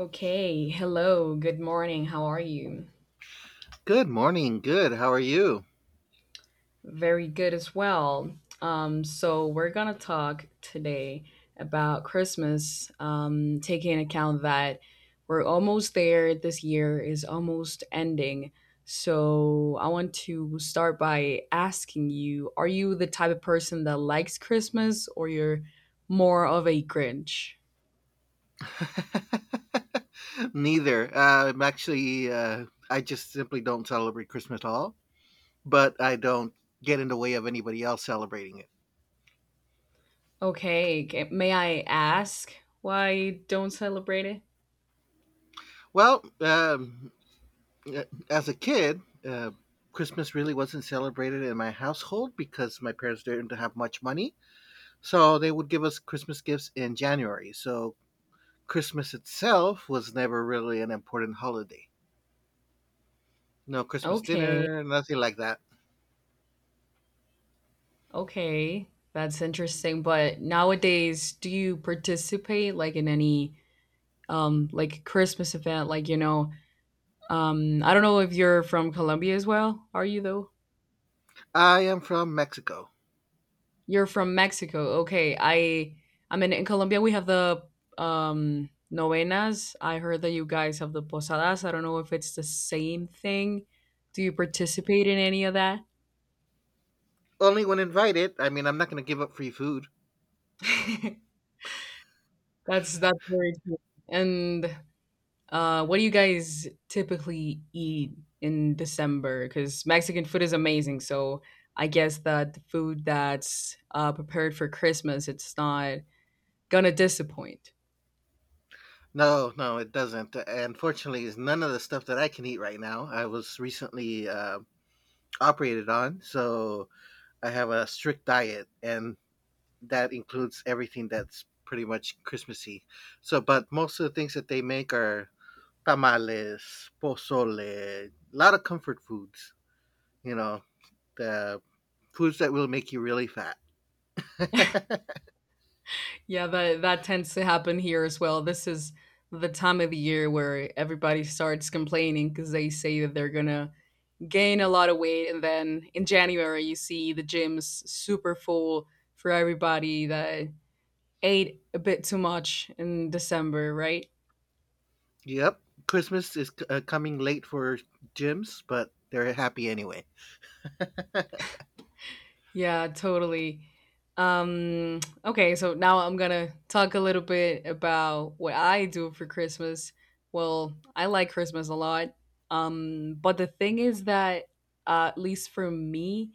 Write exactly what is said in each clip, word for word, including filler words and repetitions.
Okay, hello, good morning, how are you? Good morning. Good. How are you? Very good as well. Um, so, we're gonna talk today about Christmas, um, taking into account that we're almost there, this year is almost ending. So, I want to start by asking you, are you the type of person that likes Christmas or you're more of a Grinch? Neither. Uh, I'm actually, uh, I just simply don't celebrate Christmas at all, but I don't get in the way of anybody else celebrating it. Okay, g- may I ask why you don't celebrate it? Well, um, uh, as a kid, uh, Christmas really wasn't celebrated in my household because my parents didn't have much money. So they would give us Christmas gifts in January. So Christmas itself was never really an important holiday. No Christmas Okay. dinner, nothing like that. Okay, that's interesting. But nowadays, do you participate like in any um like Christmas event? Like, you know, um I don't know if you're from Colombia as well. Are you though? I am from Mexico. You're from Mexico. Okay. I I mean in Colombia we have the um novenas. I heard that you guys have the posadas. I don't know if it's the same thing. Do you participate in any of that? Only when invited. I mean, I'm not going to give up free food. that's that's very cool. And Uh, what do you guys typically eat in December? Because Mexican food is amazing, so I guess that the food that's uh, prepared for Christmas, it's not gonna disappoint. No, no, it doesn't. Unfortunately, it's none of the stuff that I can eat right now. I was recently uh, operated on, so I have a strict diet, and that includes everything that's pretty much Christmassy. So, but most of the things that they make are tamales, pozole, a lot of comfort foods. You know, the foods that will make you really fat. Yeah, that that tends to happen here as well. This is the time of the year where everybody starts complaining because they say that they're gonna gain a lot of weight, and then in January you see the gyms super full for everybody that ate a bit too much in December, right? Yep. Christmas is c- uh, coming late for gyms, but they're happy anyway. Yeah, totally. Um, okay, so now I'm gonna talk a little bit about what I do for Christmas. Well, I like Christmas a lot. Um, but the thing is that, uh, at least for me,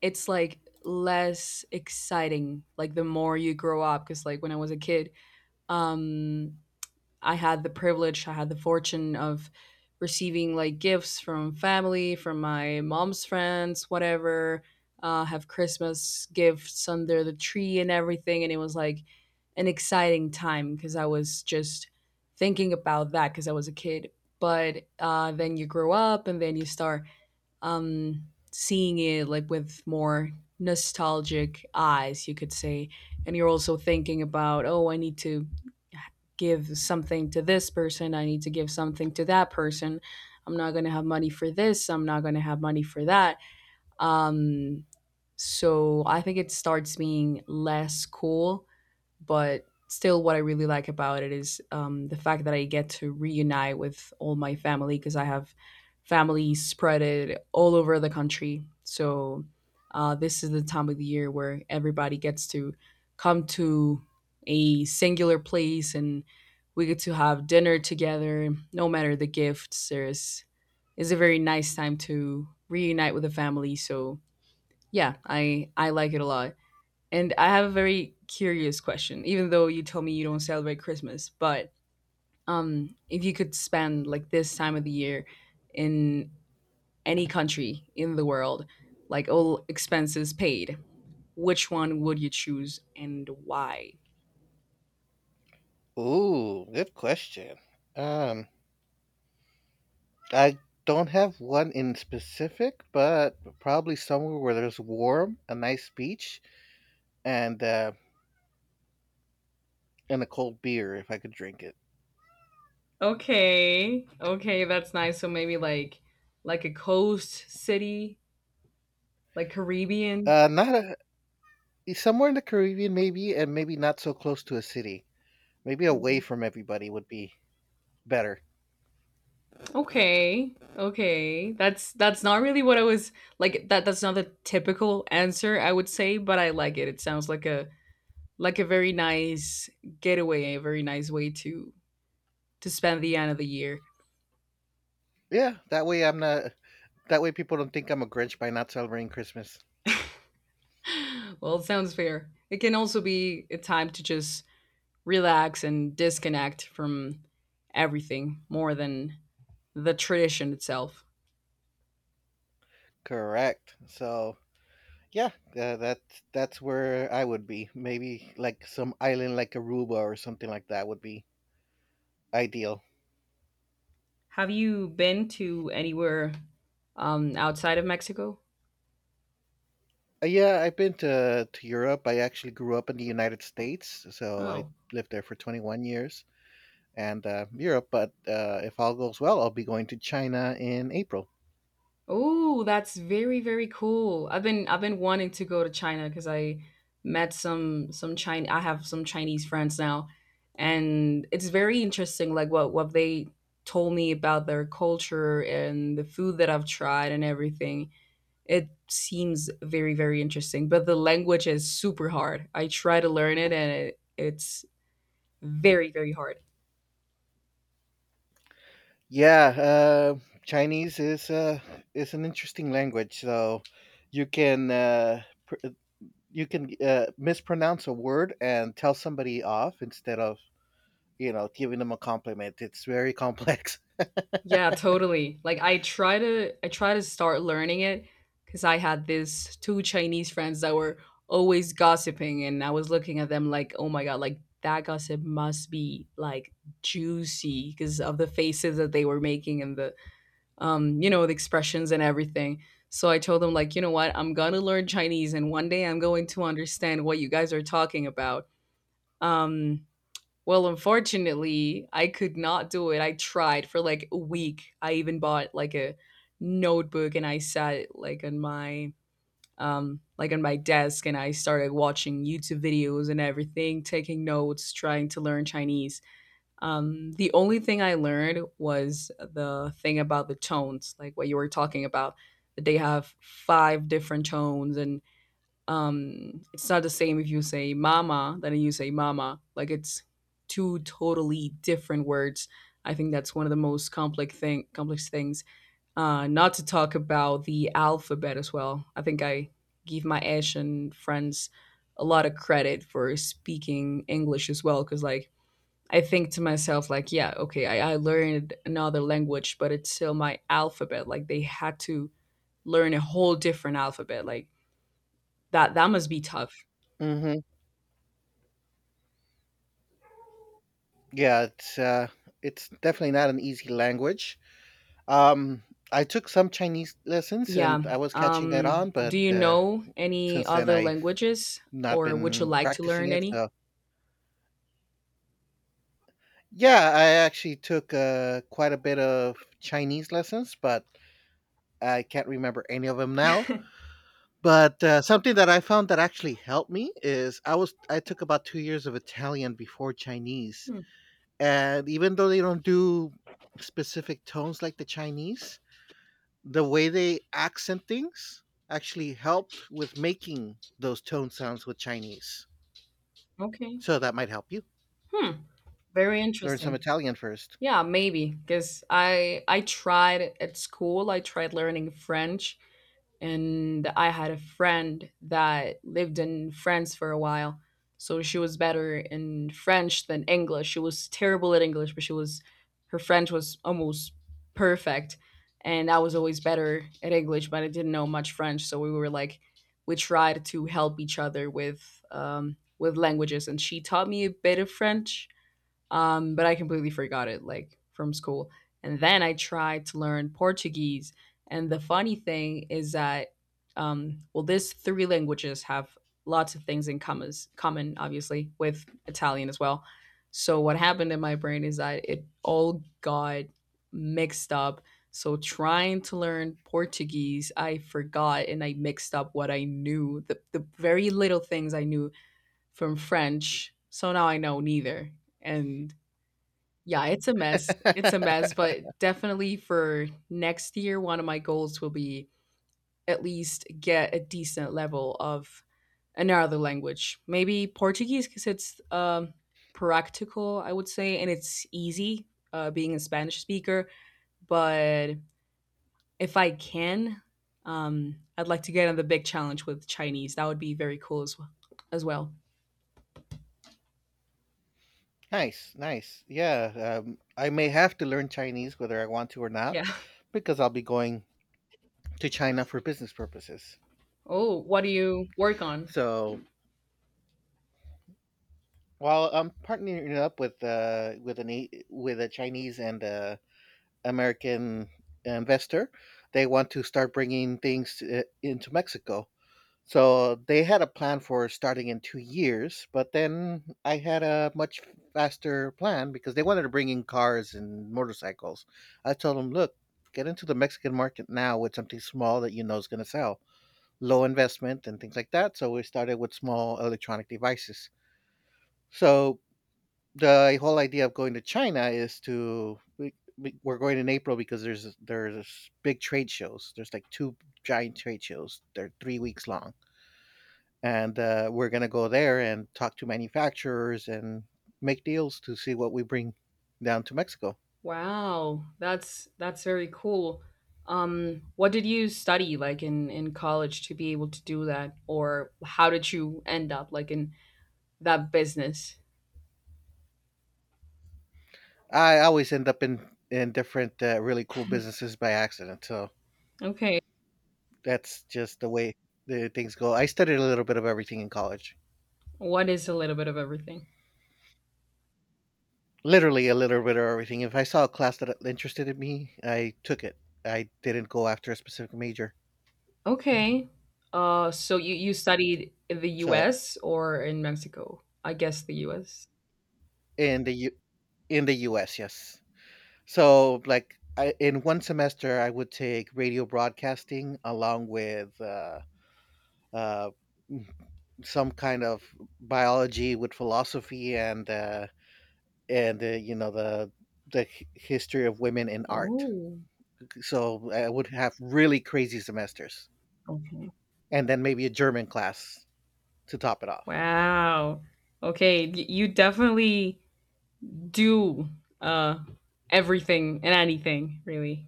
it's like less exciting, like the more you grow up. Because, like, when I was a kid, um, I had the privilege, I had the fortune of receiving like gifts from family, from my mom's friends, whatever. Uh, have Christmas gifts under the tree and everything, and it was like an exciting time because I was just thinking about that because I was a kid. But uh, then you grow up, and then you start um, seeing it like with more nostalgic eyes, you could say. And you're also thinking about, oh, I need to give something to this person. I need to give something to that person. I'm not going to have money for this. I'm not going to have money for that. Um, so I think it starts being less cool, but still what I really like about it is, um, the fact that I get to reunite with all my family, because I have family spread it all over the country. So uh, this is the time of the year where everybody gets to come to a singular place and we get to have dinner together. No matter the gifts there's it's a very nice time to reunite with the family. So yeah, i i like it a lot. And I have a very curious question, even though you told me you don't celebrate Christmas, but um, if you could spend like this time of the year in any country in the world, like all expenses paid, which one would you choose and why? Ooh, good question. Um, I don't have one in specific, but probably somewhere where there's warm, a nice beach, and uh, and a cold beer if I could drink it. Okay. Okay, that's nice. So maybe like like a coast city, like Caribbean. Uh, not a somewhere in the Caribbean maybe, and maybe not so close to a city. Maybe away from everybody would be better. Okay. Okay. That's that's not really what I was like that that's not the typical answer I would say, but I like it. It sounds like a like a very nice getaway, a very nice way to to spend the end of the year. Yeah, that way I'm not. That way people don't think I'm a Grinch by not celebrating Christmas. Well, it sounds fair. It can also be a time to just relax and disconnect from everything more than the tradition itself. Correct. So, yeah, uh, that that's where I would be. Maybe like some island like Aruba or something like that would be ideal. Have you been to anywhere um outside of Mexico? Uh, yeah, I've been to to Europe. I actually grew up in the United States, so I Oh. lived there for twenty-one years and uh, Europe. But uh, if all goes well, I'll be going to China in April. Oh, that's very, very cool. I've been I've been wanting to go to China because I met some some China I have some Chinese friends now. And it's very interesting like what what they told me about their culture and the food that I've tried and everything. It seems very, very interesting. But the language is super hard. I try to learn it and it, it's very, very hard. Yeah, uh, Chinese is uh, is an interesting language. So you can uh, pr- you can uh, mispronounce a word and tell somebody off instead of you know, giving them a compliment. It's very complex. Yeah, totally. Like I try to I try to start learning it because I had these two Chinese friends that were always gossiping and I was looking at them like, oh my god, like that gossip must be like juicy because of the faces that they were making and the um, you know, the expressions and everything. So I told them like, you know what, I'm gonna learn Chinese and one day I'm going to understand what you guys are talking about. Um well, unfortunately, I could not do it. I tried for like a week. I even bought like a notebook and I sat like on my um like on my desk and I started watching YouTube videos and everything, taking notes, trying to learn Chinese. Um the only thing I learned was the thing about the tones, like what you were talking about. That they have five different tones. And um it's not the same if you say mama than you say mama, like it's two totally different words. I think that's one of the most complex thing complex things. Uh not to talk about the alphabet as well. I think i give my Asian friends a lot of credit for speaking English as well, because like I think to myself like, yeah okay, I, I learned another language but it's still my alphabet. Like they had to learn a whole different alphabet. Like that that must be tough. hmm Yeah, it's uh, it's definitely not an easy language. Um, I took some Chinese lessons and Yeah. I was catching that Um, on, but Do you uh, know any since then other I've languages not or would you been like to practicing learn it. any? So, yeah, I actually took uh, quite a bit of Chinese lessons, but I can't remember any of them now. But uh, something that I found that actually helped me is I was I took about two years of Italian before Chinese, Hmm, and even though they don't do specific tones like the Chinese, the way they accent things actually helped with making those tone sounds with Chinese. okay. So that might help you Hmm. Very learn some interesting. Italian first. Yeah, maybe because I I tried at school, I tried learning French and I had a friend that lived in France for a while. So she was better in French than English. She was terrible at English, but she was her French was almost perfect. And I was always better at English, but I didn't know much French. So we were like we tried to help each other with um, with languages, and she taught me a bit of French, um, but I completely forgot it like from school. And then I tried to learn Portuguese. And the funny thing is that, um, well, these three languages have lots of things in commas, common, obviously, with Italian as well. So what happened in my brain is that it all got mixed up. So trying to learn Portuguese, I forgot and I mixed up what I knew, the, the very little things I knew from French. So now I know neither. And yeah, it's a mess. It's a mess, but definitely for next year, one of my goals will be at least get a decent level of another language. Maybe Portuguese because it's um, practical, I would say, and it's easy uh, being a Spanish speaker. But if I can, um, I'd like to get on the big challenge with Chinese. That would be very cool as well. As well. Nice, nice. Yeah, um, I may have to learn Chinese whether I want to or not Yeah. because I'll be going to China for business purposes. Oh, what do you work on? So, while I'm partnering up with uh, with an A- with a Chinese and a American investor, they want to start bringing things uh, into Mexico. So they had a plan for starting in two years, but then I had a much faster plan because they wanted to bring in cars and motorcycles. I told them, look, get into the Mexican market now with something small that you know is going to sell, low investment and things like that. So we started with small electronic devices. So the whole idea of going to China is to we, we- we're going in April because there's there's big trade shows. There's like two giant trade shows. They're three weeks long, and uh, we're gonna go there and talk to manufacturers and make deals to see what we bring down to Mexico. Wow, that's that's very cool. Um, what did you study like in in college to be able to do that, or how did you end up like in that business? I always end up in in different uh, really cool businesses by accident, so Okay, that's just the way the things go. I studied a little bit of everything in college. what is a little bit of everything? Literally a little bit of everything. If I saw a class that interested in me, I took it. I didn't go after a specific major. Okay, uh, so you you studied in the So U S or in Mexico? I guess the U S. in the U- in the U S, yes. So, like I, in one semester, I would take radio broadcasting along with uh, uh, m- some kind of biology with philosophy and uh, and uh, you know the the h- history of women in art. Oh, So I would have really crazy semesters, okay. and then maybe a German class to top it off. Wow. Okay, y- you definitely do uh everything and anything, really.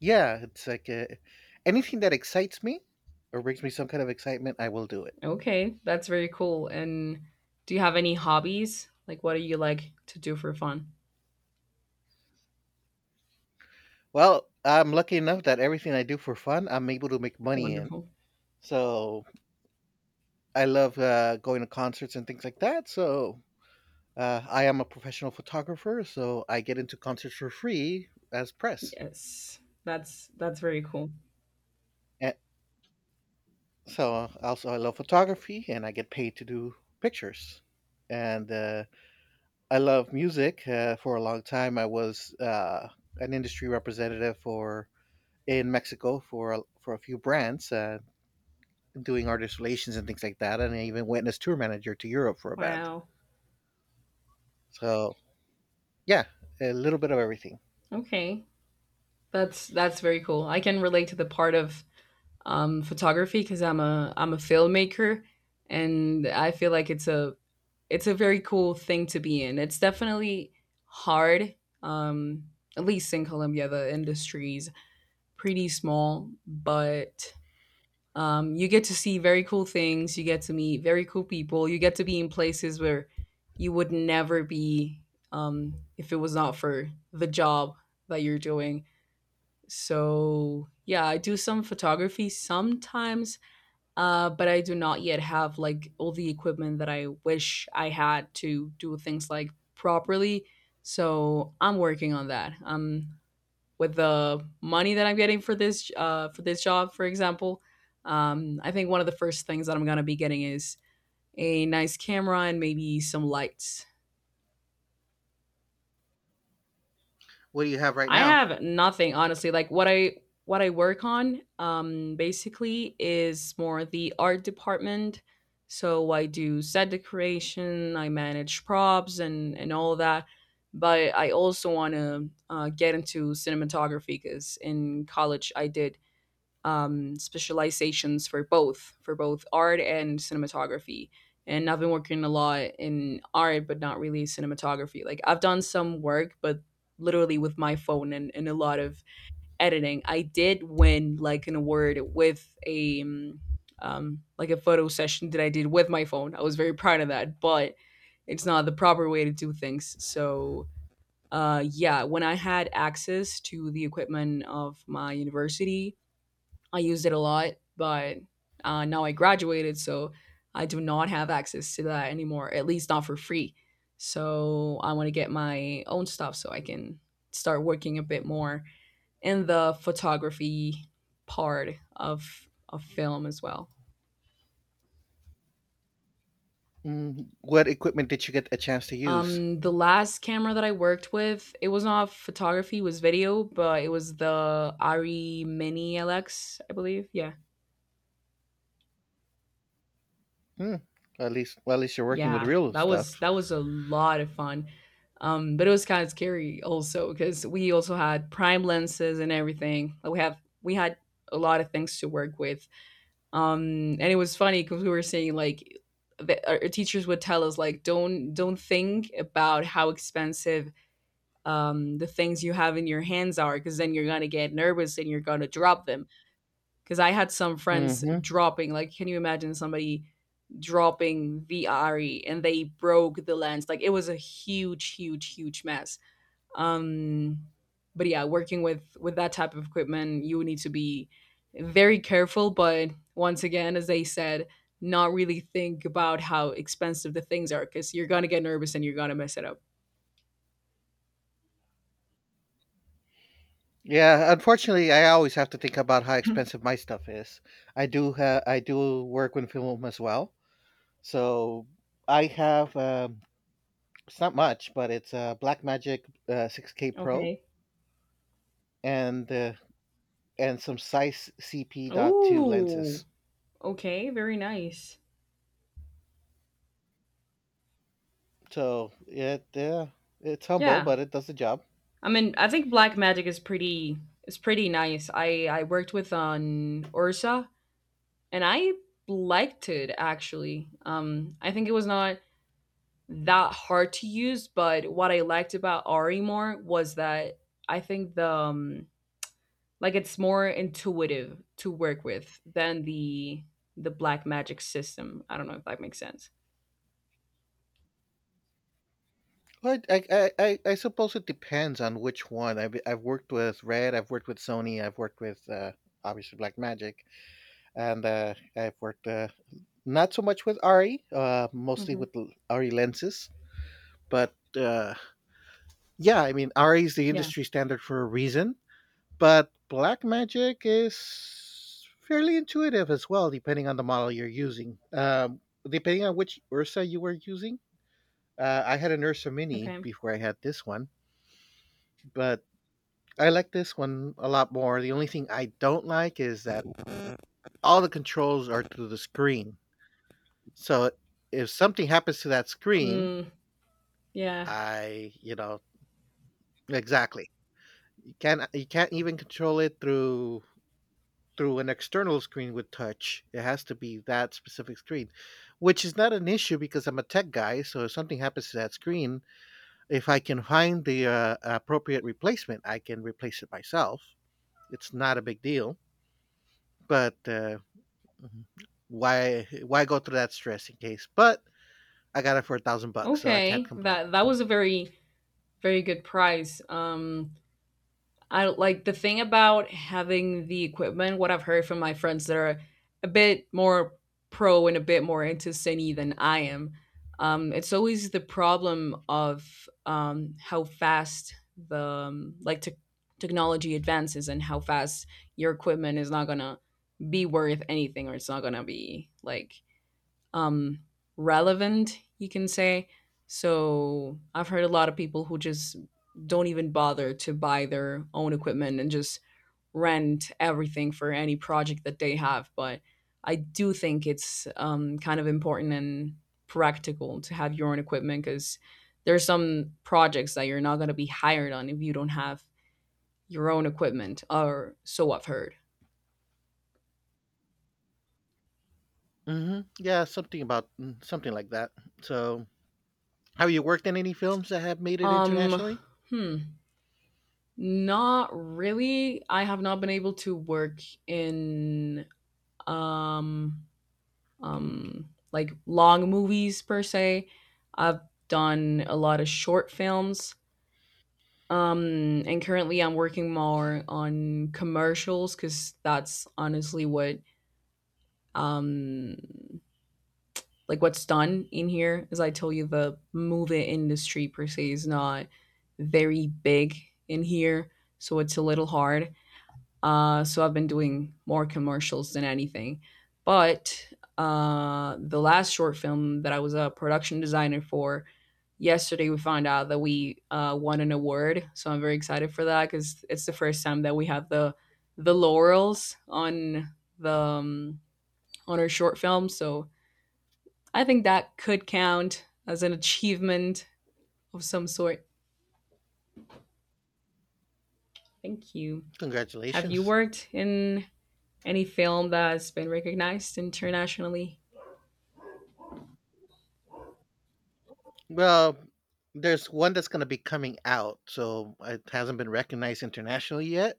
Yeah, it's like uh anything that excites me or brings me some kind of excitement, I will do it. Okay, that's very cool. And do you have any hobbies? Like what do you like to do for fun? Well, I'm lucky enough that everything I do for fun, I'm able to make money in. Wonderful. So I love uh, going to concerts and things like that. So, uh, I am a professional photographer, so I get into concerts for free as press. Yes. That's that's very cool. And so also I love photography, and I get paid to do pictures. And uh, I love music. Uh, for a long time, I was uh, an industry representative for in Mexico for a, for a few brands, uh, doing artist relations and things like that, and I even went as tour manager to Europe for a band. Wow. So yeah, a little bit of everything. Okay. That's that's very cool. I can relate to the part of um photography because I'm a I'm a filmmaker and I feel like it's a it's a very cool thing to be in. It's definitely hard. Um at least in Colombia the industry's pretty small, but Um, you get to see very cool things. You get to meet very cool people. You get to be in places where you would never be, um, if it was not for the job that you're doing. So yeah, I do some photography sometimes, uh, but I do not yet have like all the equipment that I wish I had to do things like properly. So I'm working on that. Um, with the money that I'm getting for this uh, for this job, for example, um, I think one of the first things that I'm gonna be getting is a nice camera and maybe some lights. What do you have right I now? have nothing honestly. Like what I what I work on um, basically is more the art department. So I do set decoration, I manage props and and all of that. But I also want to uh, get into cinematography because in college I did um, specializations for both, for both art and cinematography. And I've been working a lot in art but not really cinematography. Like I've done some work but literally with my phone and, and a lot of editing. I did win like an award with a um, um, like a photo session that I did with my phone. I was very proud of that, but it's not the proper way to do things. So uh, yeah, when I had access to the equipment of my university I used it a lot, but uh, now I graduated, so I do not have access to that anymore, at least not for free. So I want to get my own stuff so I can start working a bit more in the photography part of of film as well. Mm, what equipment did you get a chance to use? Um, the last camera that I worked with, it was not photography, it was video, but it was the Ari Mini L X, believe. Yeah. Hmm. At least, well, at least you're working with Yeah, real that stuff. was that was a lot of fun. Um, but it was kind of scary also because we also had prime lenses and everything. Like we have we had a lot of things to work with. Um, and it was funny because we were saying like the, our our teachers would tell us like, don't don't think about how expensive um, the things you have in your hands are, because then you're gonna get nervous and you're gonna drop them. Because I had some friends hmm dropping. Like, can you imagine somebody dropping the Ari and they broke the lens? Like, it was a huge, huge, huge mess. Um, but yeah, working with with that type of equipment, you need to be very careful. But once again, as they said, not really think about how expensive the things are because you're gonna get nervous and you're gonna mess it up. Yeah, unfortunately, I always have to think about how expensive my stuff is. I do, ha- I do work with film as well, so I have. Um, it's not much, but it's a Blackmagic uh, six K Pro Okay. and the and some size C P dot two Oh. lenses. Okay. Very nice. So, it yeah, it's humble, Yeah. but it does the job. I mean, I think black magic is pretty, is pretty nice. I I worked with on Ursa and I liked it, actually. Um I think it was not that hard to use, but what I liked about Ari more was that I think the um, like it's more intuitive to work with than the the black magic system. I don't know if that makes sense. Well, I, I, I, I suppose it depends on which one. I've, I've worked with Red, I've worked with Sony, I've worked with uh, obviously Blackmagic. And uh, I've worked uh, not so much with R E, uh, mostly Hmm. with l- lenses. But uh, yeah, I mean, R E is the Yeah. industry standard for a reason. But black magic is fairly intuitive as well, depending on the model you're using. Um, depending on which Ursa you were using. Uh, I had an Ursa Mini Okay. before I had this one, but I like this one a lot more. The only thing I don't like is that all the controls are through the screen. So if something happens to that screen, Mm, yeah. I, you know, exactly. You can't you can't even control it through through an external screen with touch. It has to be that specific screen, which is not an issue because I'm a tech guy. So if something happens to that screen, if I can find the uh, appropriate replacement, I can replace it myself. It's not a big deal, but uh, mhm. why why go through that stress in case? But I got it for a thousand bucks, so I can't Okay. complain. That that was a very, very good prize. Um I like the thing about having the equipment. What I've heard from my friends that are a bit more pro and a bit more into Cine than I am, um, it's always the problem of um, how fast the um, like tech technology advances and how fast your equipment is not gonna be worth anything, or it's not gonna be like um, relevant, you can say. So I've heard a lot of people who just don't even bother to buy their own equipment and just rent everything for any project that they have. But I do think it's um, kind of important and practical to have your own equipment, because there's some projects that you're not going to be hired on if you don't have your own equipment, or so I've heard. hmm Yeah, something about mm, something like that. So, have you worked in any films that have made it Um, internationally? hmm. Not really. I have not been able to work in um um like long movies per se. I've done a lot of short films. Um and currently I'm working more on commercials cuz that's honestly what um like what's done in here. As I told you, the movie industry per se is not very big in here, so it's a little hard. Uh, so I've been doing more commercials than anything. But uh, the last short film that I was a production designer for, yesterday we found out that we uh, won an award. So I'm very excited for that, because it's the first time that we have the the laurels on the um, on our short film. So I think that could count as an achievement of some sort. Thank you. Have you Congratulations. worked in any film that's been recognized internationally? Well, there's one that's going to be coming out, so it hasn't been recognized internationally yet,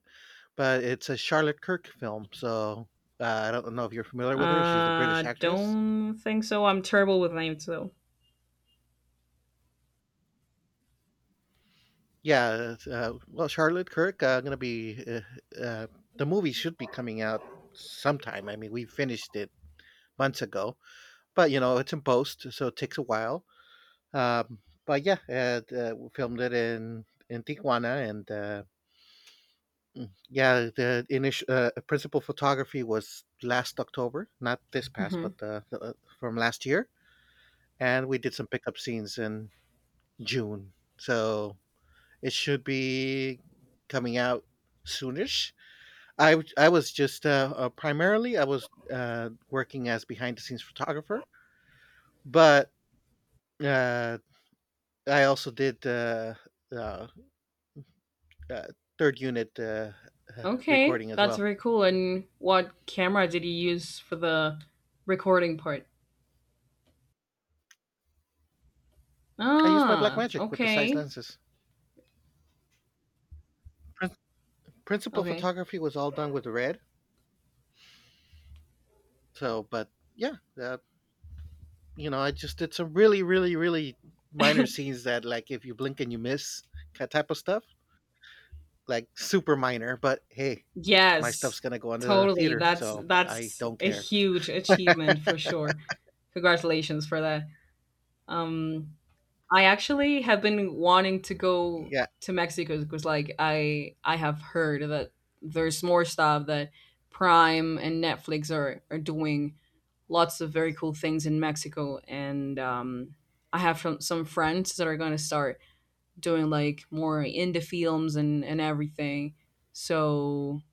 but it's a Charlotte Kirk film. So, uh, I don't know if you're familiar with her. She's a British Uh, actress. Don't think so. I'm terrible with names though. Yeah, it's, uh, well, Charlotte Kirk uh, going to be uh, uh, the movie should be coming out sometime. I mean, we finished it months ago, but you know it's in post, so it takes a while. Um, but yeah, uh, uh, we filmed it in in Tijuana, and uh, yeah, the initial uh, principal photography was last October, not this past, Hmm. but uh, the, uh, from last year, and we did some pickup scenes in June. So it should be coming out soonish. I w- I was just uh, uh, primarily I was uh, working as behind the scenes photographer, but uh, I also did uh, uh, uh, third unit uh, uh, Okay, recording as that's well. very cool. And what camera did you use for the recording part? I used my Black Ah, Magic with the size okay, lenses. Principal okay. photography was all done with red. So, but yeah, uh, you know, I just did some really, really, really minor scenes that, like, if you blink and you miss, ki- type of stuff, like super minor. But hey, my Yes, stuff's gonna go into the totally. theater, That's so I that's don't a care. huge achievement for sure. Congratulations for that. Um, I actually have been wanting to go Yeah, to Mexico, because like I I have heard that there's more stuff that Prime and Netflix are are doing lots of very cool things in Mexico. And um I have some, some friends that are going to start doing like more indie films and and everything. So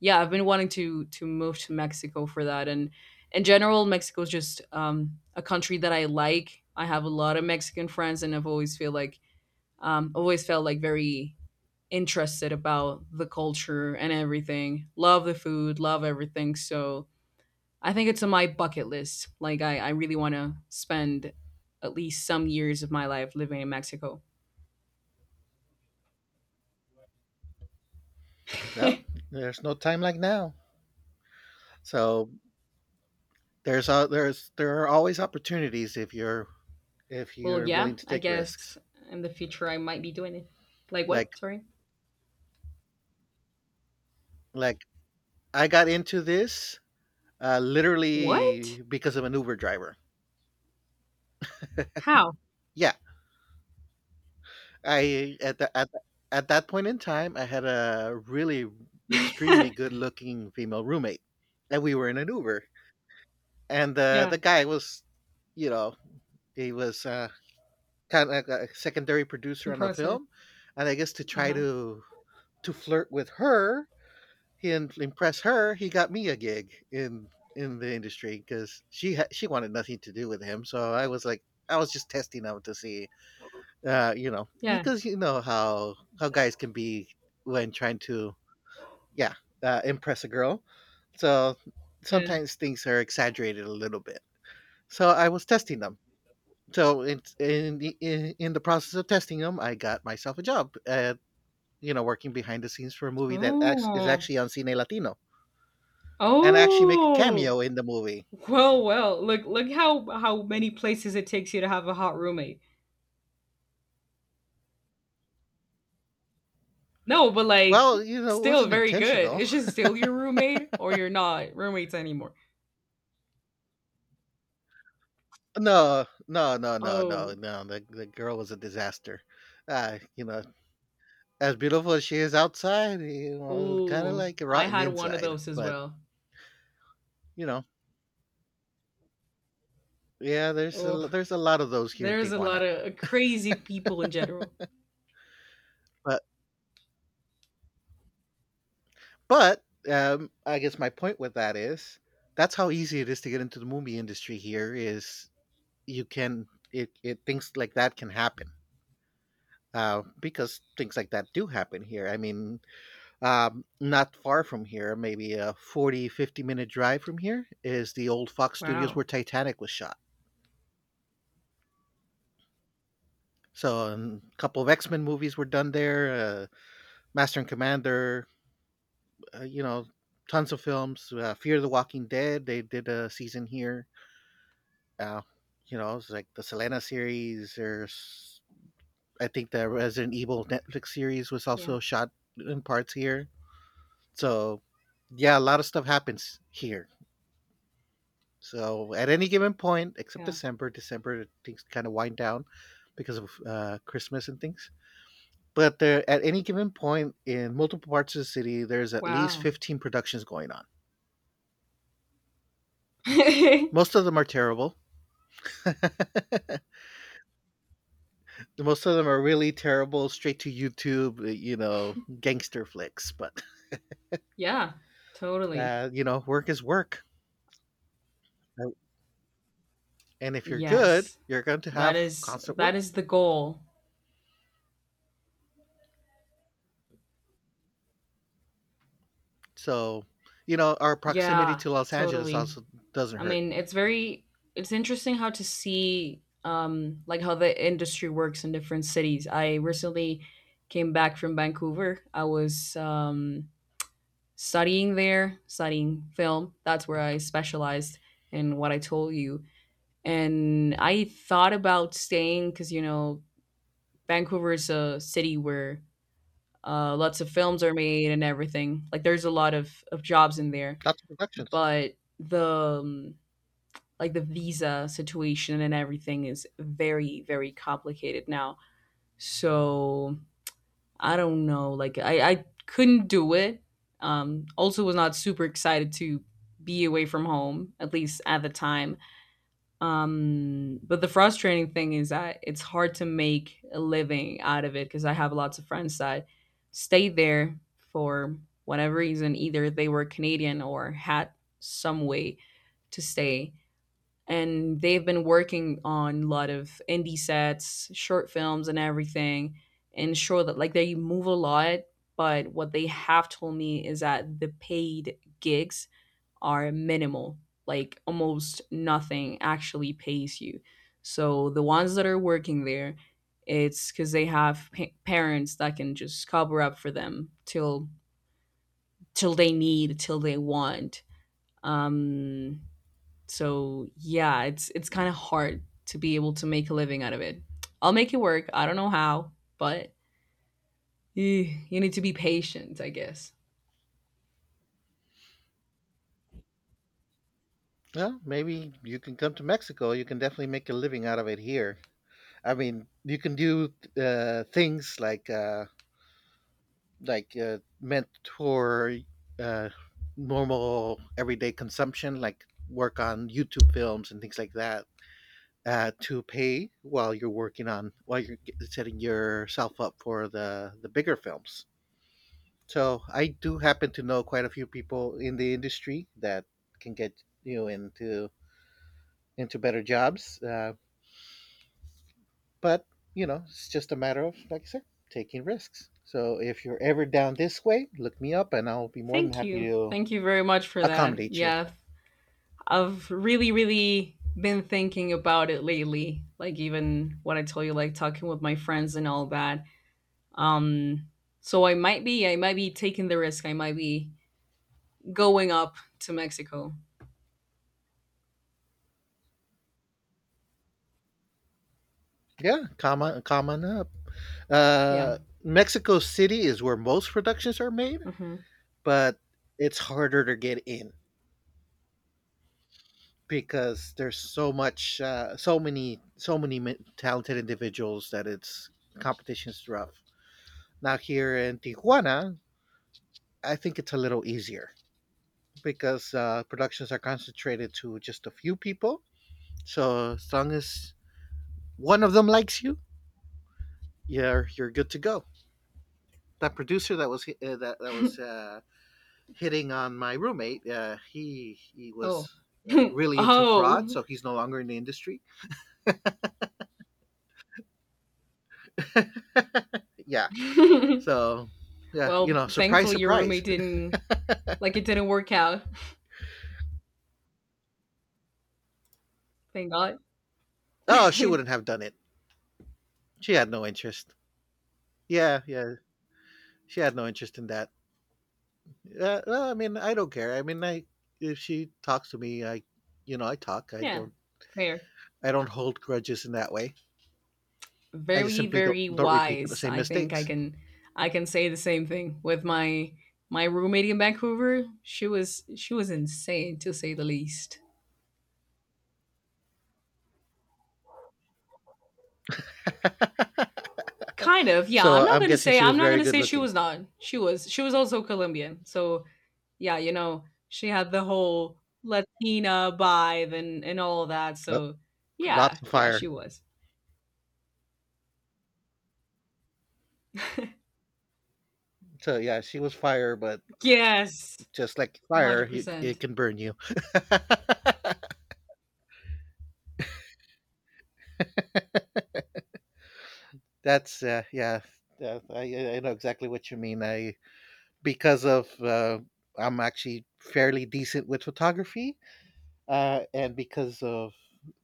yeah, I've been wanting to to move to Mexico for that. And in general, Mexico is just um, a country that I like. I have a lot of Mexican friends, and I've always feel like um, always felt like very interested about the culture and everything. Love the food, love everything. So I think it's on my bucket list. Like I, I really want to spend at least some years of my life living in Mexico. well, there's no time like now. So, there's uh, there's there are always opportunities if you're if Well, you're yeah, willing to I take guess risks. in the future I might be doing it. Like what? Like Sorry. like I got into this uh, What? literally because of an Uber driver. How? Yeah, I at the, at the, at that point in time, I had a really extremely good-looking female roommate, and we were in an Uber, and the Yeah, the guy was, you know, he was uh, kind of like a secondary producer on a compressor. film, and I guess to try Uh-huh. to to flirt with her and impress her, he got me a gig in in the industry because she ha- she wanted nothing to do with him. So I was like, I was just testing out to see uh you know Yeah, because you know how how guys can be when trying to, yeah, uh, impress a girl, so yeah. sometimes things are exaggerated a little bit. So I was testing them, so in in the- in, in the process of testing them, I got myself a job at, you know working behind the scenes for a movie that act- is Oh. actually on Cine Latino. And I actually make a Oh. cameo in the movie. Well, well. Look, look how how many places it takes you to have a hot roommate. No, but, like, Well, you know it still wasn't very good. intentional. It's just still your roommate or you're not roommates anymore? No, no, no, no, no, Oh. no, the, the girl was a disaster. uh, you know as beautiful as she is outside, you know, kind of Ooh, like I rotten had one of inside. those as But, well. you know, yeah, there's a Oh, there's a lot of those here in there's a lot Tijuana. of crazy people in general. But but um, I guess my point with that is, that's how easy it is to get into the movie industry here. Is, you can, it, it things like that can happen. Uh, because things like that do happen here. I mean, um, not far from here, maybe a forty fifty minute drive from here, is the old Fox Studios Wow. where Titanic was shot. So, and a couple of X Men movies were done there. Uh, Master and Commander, uh, you know, tons of films. Uh, Fear the Walking Dead, they did a season here. Uh, you know, it's like the Selena series. There's, I think, the Resident Evil Netflix series was Yeah, also shot in parts here. So, yeah, a lot of stuff happens here. So, at any given point, except yeah. December, December things kind of wind down because of uh, Christmas and things. But there, at any given point in multiple parts of the city, there's at least Wow. fifteen productions going on. Most of them are terrible. Most of them are really terrible, straight to YouTube, uh, you know, gangster flicks. But, Yeah, totally. uh, you know, work is work. Uh, And if you're good, Yes. you're going to That have is constant that work. is the goal. So, you know, our proximity Yeah, to Los Angeles totally. also doesn't I hurt. mean, it's very, it's interesting how to see um like how the industry works in different cities. I recently came back from Vancouver. I was um studying there, studying film. That's where I specialized in what I told you. And I thought about staying, cuz you know, Vancouver is a city where uh, lots of films are made and everything. Like there's a lot of, of jobs in there, Lots of productions. but the um, like the visa situation and everything is very, very complicated now. So I don't know. Like I I couldn't do it. Um, also was not super excited to be away from home, at least at the time. Um, but the frustrating thing is that it's hard to make a living out of it, because I have lots of friends that stayed there for whatever reason. Either they were Canadian or had some way to stay. And they've been working on a lot of indie sets, short films, and everything. And sure that like they move a lot, but what they have told me is that the paid gigs are minimal. Like almost nothing actually pays you. So the ones that are working there, it's because they have pa- parents that can just cover up for them till till they need, till they want. Um, so yeah, it's it's kind of hard to be able to make a living out of it. I'll make it work. I don't know how, but eh, you need to be patient, I guess. Well, maybe you can come to Mexico. You can definitely make a living out of it here. I mean, you can do uh, things like uh, like uh, meant uh, normal everyday consumption, like work on YouTube films and things like that, uh, to pay while you're working on, while you're g- setting yourself up for the the bigger films. So I do happen to know quite a few people in the industry that can get you into into better jobs. Uh, But, you know, it's just a matter of, like I said, taking risks. So if you're ever down this way, look me up and I'll be more than Thank you. happy to Thank you very much for that. accommodate you. Yeah, I've really, really been thinking about it lately. Like even what I told you, like talking with my friends and all that. Um, so I might be, I might be taking the risk. I might be going up to Mexico. Yeah, come on, come on up. Yeah. Uh, Mexico City is where most productions are made, Hmm. but it's harder to get in because there's so much, uh, so many, so many mi- talented individuals that it's competition's rough. Now here in Tijuana, I think it's a little easier because uh, productions are concentrated to just a few people. So as long as one of them likes you, you're you're good to go. That producer that was uh, that that was uh, hitting on my roommate, uh, he he Oh. was uh, really into fraud, Oh. so he's no longer in the industry. Yeah, so yeah, you Well, know, surprise, thankfully your roommate surprise. didn't, like it didn't work out. Thank God. Oh, she wouldn't have done it. She had no interest. Yeah, yeah, she had no interest in that. Uh, well, I mean, I don't care. I mean, I if she talks to me, I, you know, I talk. I Yeah, don't, fair. I don't hold grudges in that way. I just Very, simply don't very don't repeat the wise. same I think I mistakes. can, I can say the same thing with my my roommate in Vancouver. She was she was insane, to say the least. Kind of, yeah. So I'm not I'm gonna guessing say she I'm was not very gonna good say she looking. was not. She was she was also Colombian. So yeah, you know, she had the whole Latina vibe and and all of that. Uh, So yeah, Lots of yeah, fire. she was. So yeah, she was fire, but Yes. just like fire, you, it one hundred percent. can burn you. That's, uh, yeah. Yeah, I, I know exactly what you mean. I because of uh, I'm actually fairly decent with photography. Uh, and because of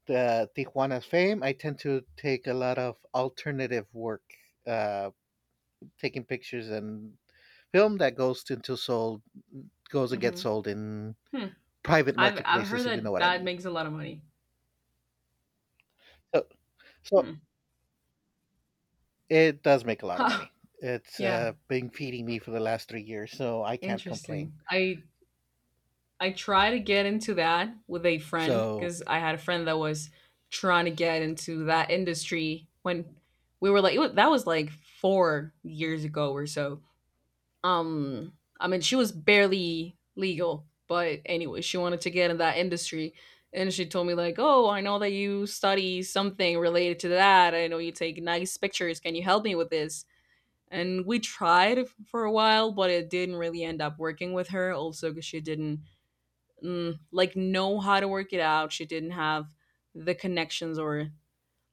the Tijuana's fame, I tend to take a lot of alternative work, uh, taking pictures and film that goes into sold goes and gets Mhm. sold in Hmm. private I've I've heard marketplaces, if you know that what I that mean. makes a lot of money. So, so Hmm. it does make a lot of Huh. money. It's Yeah, uh, been feeding me for the last three years, so I can't complain. interesting. I I try to get into that with a friend, So, because I had a friend that was trying to get into that industry when we were like, it wa that was like four years ago or so. Um, I mean, she was barely legal, but anyway, she wanted to get in that industry. And she told me, like, oh, I know that you study something related to that. I know you take nice pictures. Can you help me with this? And we tried f- for a while, but it didn't really end up working with her. Also, because she didn't, mm, like know how to work it out. She didn't have the connections, or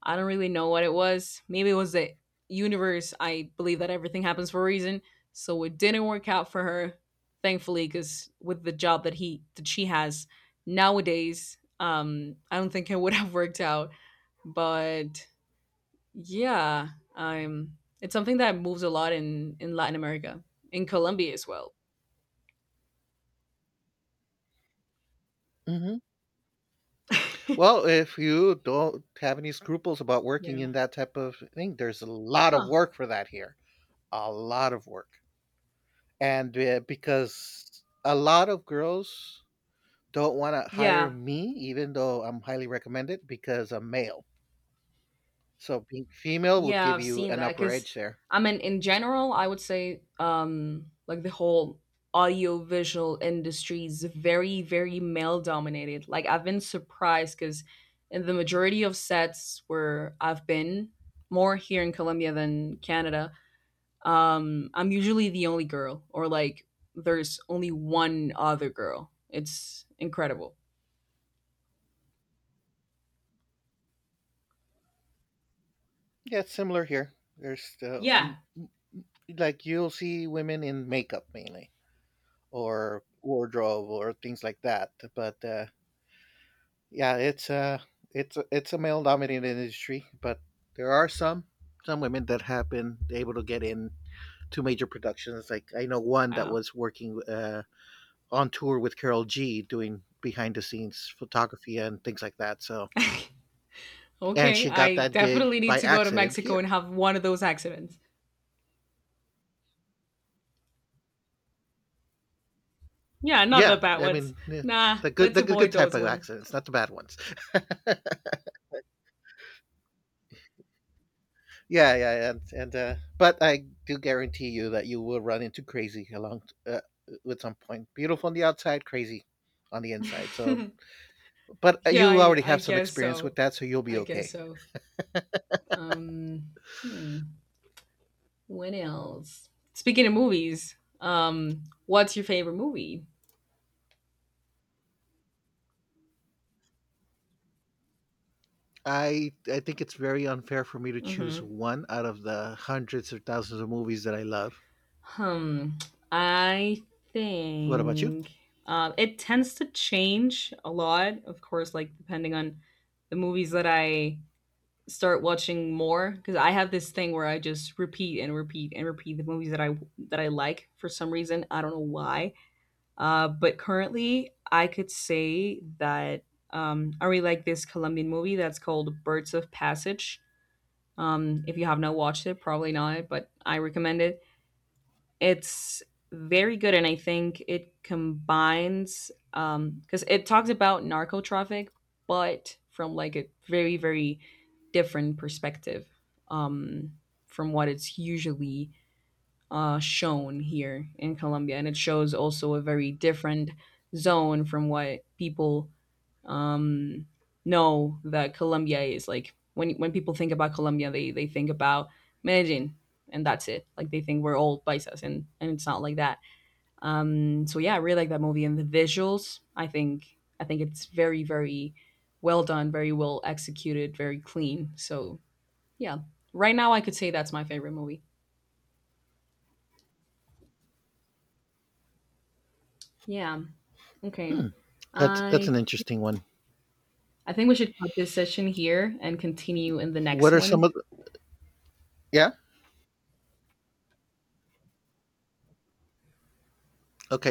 I don't really know what it was. Maybe it was the universe. I believe that everything happens for a reason. So it didn't work out for her, thankfully, because with the job that he that she has nowadays, um, I don't think it would have worked out. But yeah, um, it's something that moves a lot in in Latin America, in Colombia as well. mhm. Well, if you don't have any scruples about Yeah. working in that type of thing, there's a lot of Huh. work for that here. A lot of work. And uh, because a lot of girls don't want to hire Yeah. me, even though I'm highly recommended, because I'm male, so being female would Yeah, give I've you seen an that upper because edge there. I mean, in general, I would say um, like the whole audiovisual industry is very, very male dominated. Like I've been surprised because in the majority of sets where I've been, more here in Colombia than Canada, um, I'm usually the only girl, or like there's only one other girl. It's incredible. Yeah, it's similar here. There's the, Yeah. m- m- like, you'll see women in makeup mainly, or wardrobe or things like that, but uh, yeah, it's a it's a, it's a male dominated industry, but there are some some women that have been able to get in two major productions. Like, I know one that Wow. was working uh, on tour with Carol G, doing behind the scenes photography and things like that. So, and Okay. she got I that gig definitely need by to go to accident Mexico here. and have one of those accidents. Yeah, not the Yeah, bad I ones. mean, yeah, Nah, the good let's the good avoid type those of ones. accidents, not the bad ones. Yeah, yeah, and and uh, but I do guarantee you that you will run into crazy along uh, at some point. Beautiful on the outside, crazy on the inside. So, but uh, Yeah, you I, already I have some guess experience so. with that, so you'll be I guess okay. so. Um, hmm. When else? Speaking of movies, um, what's your favorite movie? I I think it's very unfair for me to choose Hmm. one out of the hundreds of thousands of movies that I love. Hmm. I What about you? think um, it tends to change a lot, of course, like depending on the movies that I start watching more, because I have this thing where I just repeat and repeat and repeat the movies that I that I like, for some reason. I don't know why. Uh, but currently, I could say that um, I really like this Colombian movie that's called Birds of Passage. Um, if you have not watched it, probably not, but I recommend it. It's very good, and I think it combines um because it talks about narco traffic, but from like a very, very different perspective um from what it's usually uh, shown here in Colombia, and it shows also a very different zone from what people um, know that Colombia is. Like when when people think about Colombia, they they think about Medellin, and that's it. Like they think we're all paisas, and and it's not like that. Um, so yeah, I really like that movie and the visuals. I think I think it's very, very well done, very well executed, very clean. So yeah, right now I could say that's my favorite movie. Yeah. Okay. Hmm, that's that's an I interesting one. I think we should cut this session here and continue in the next What are some one. of the, yeah? Okay,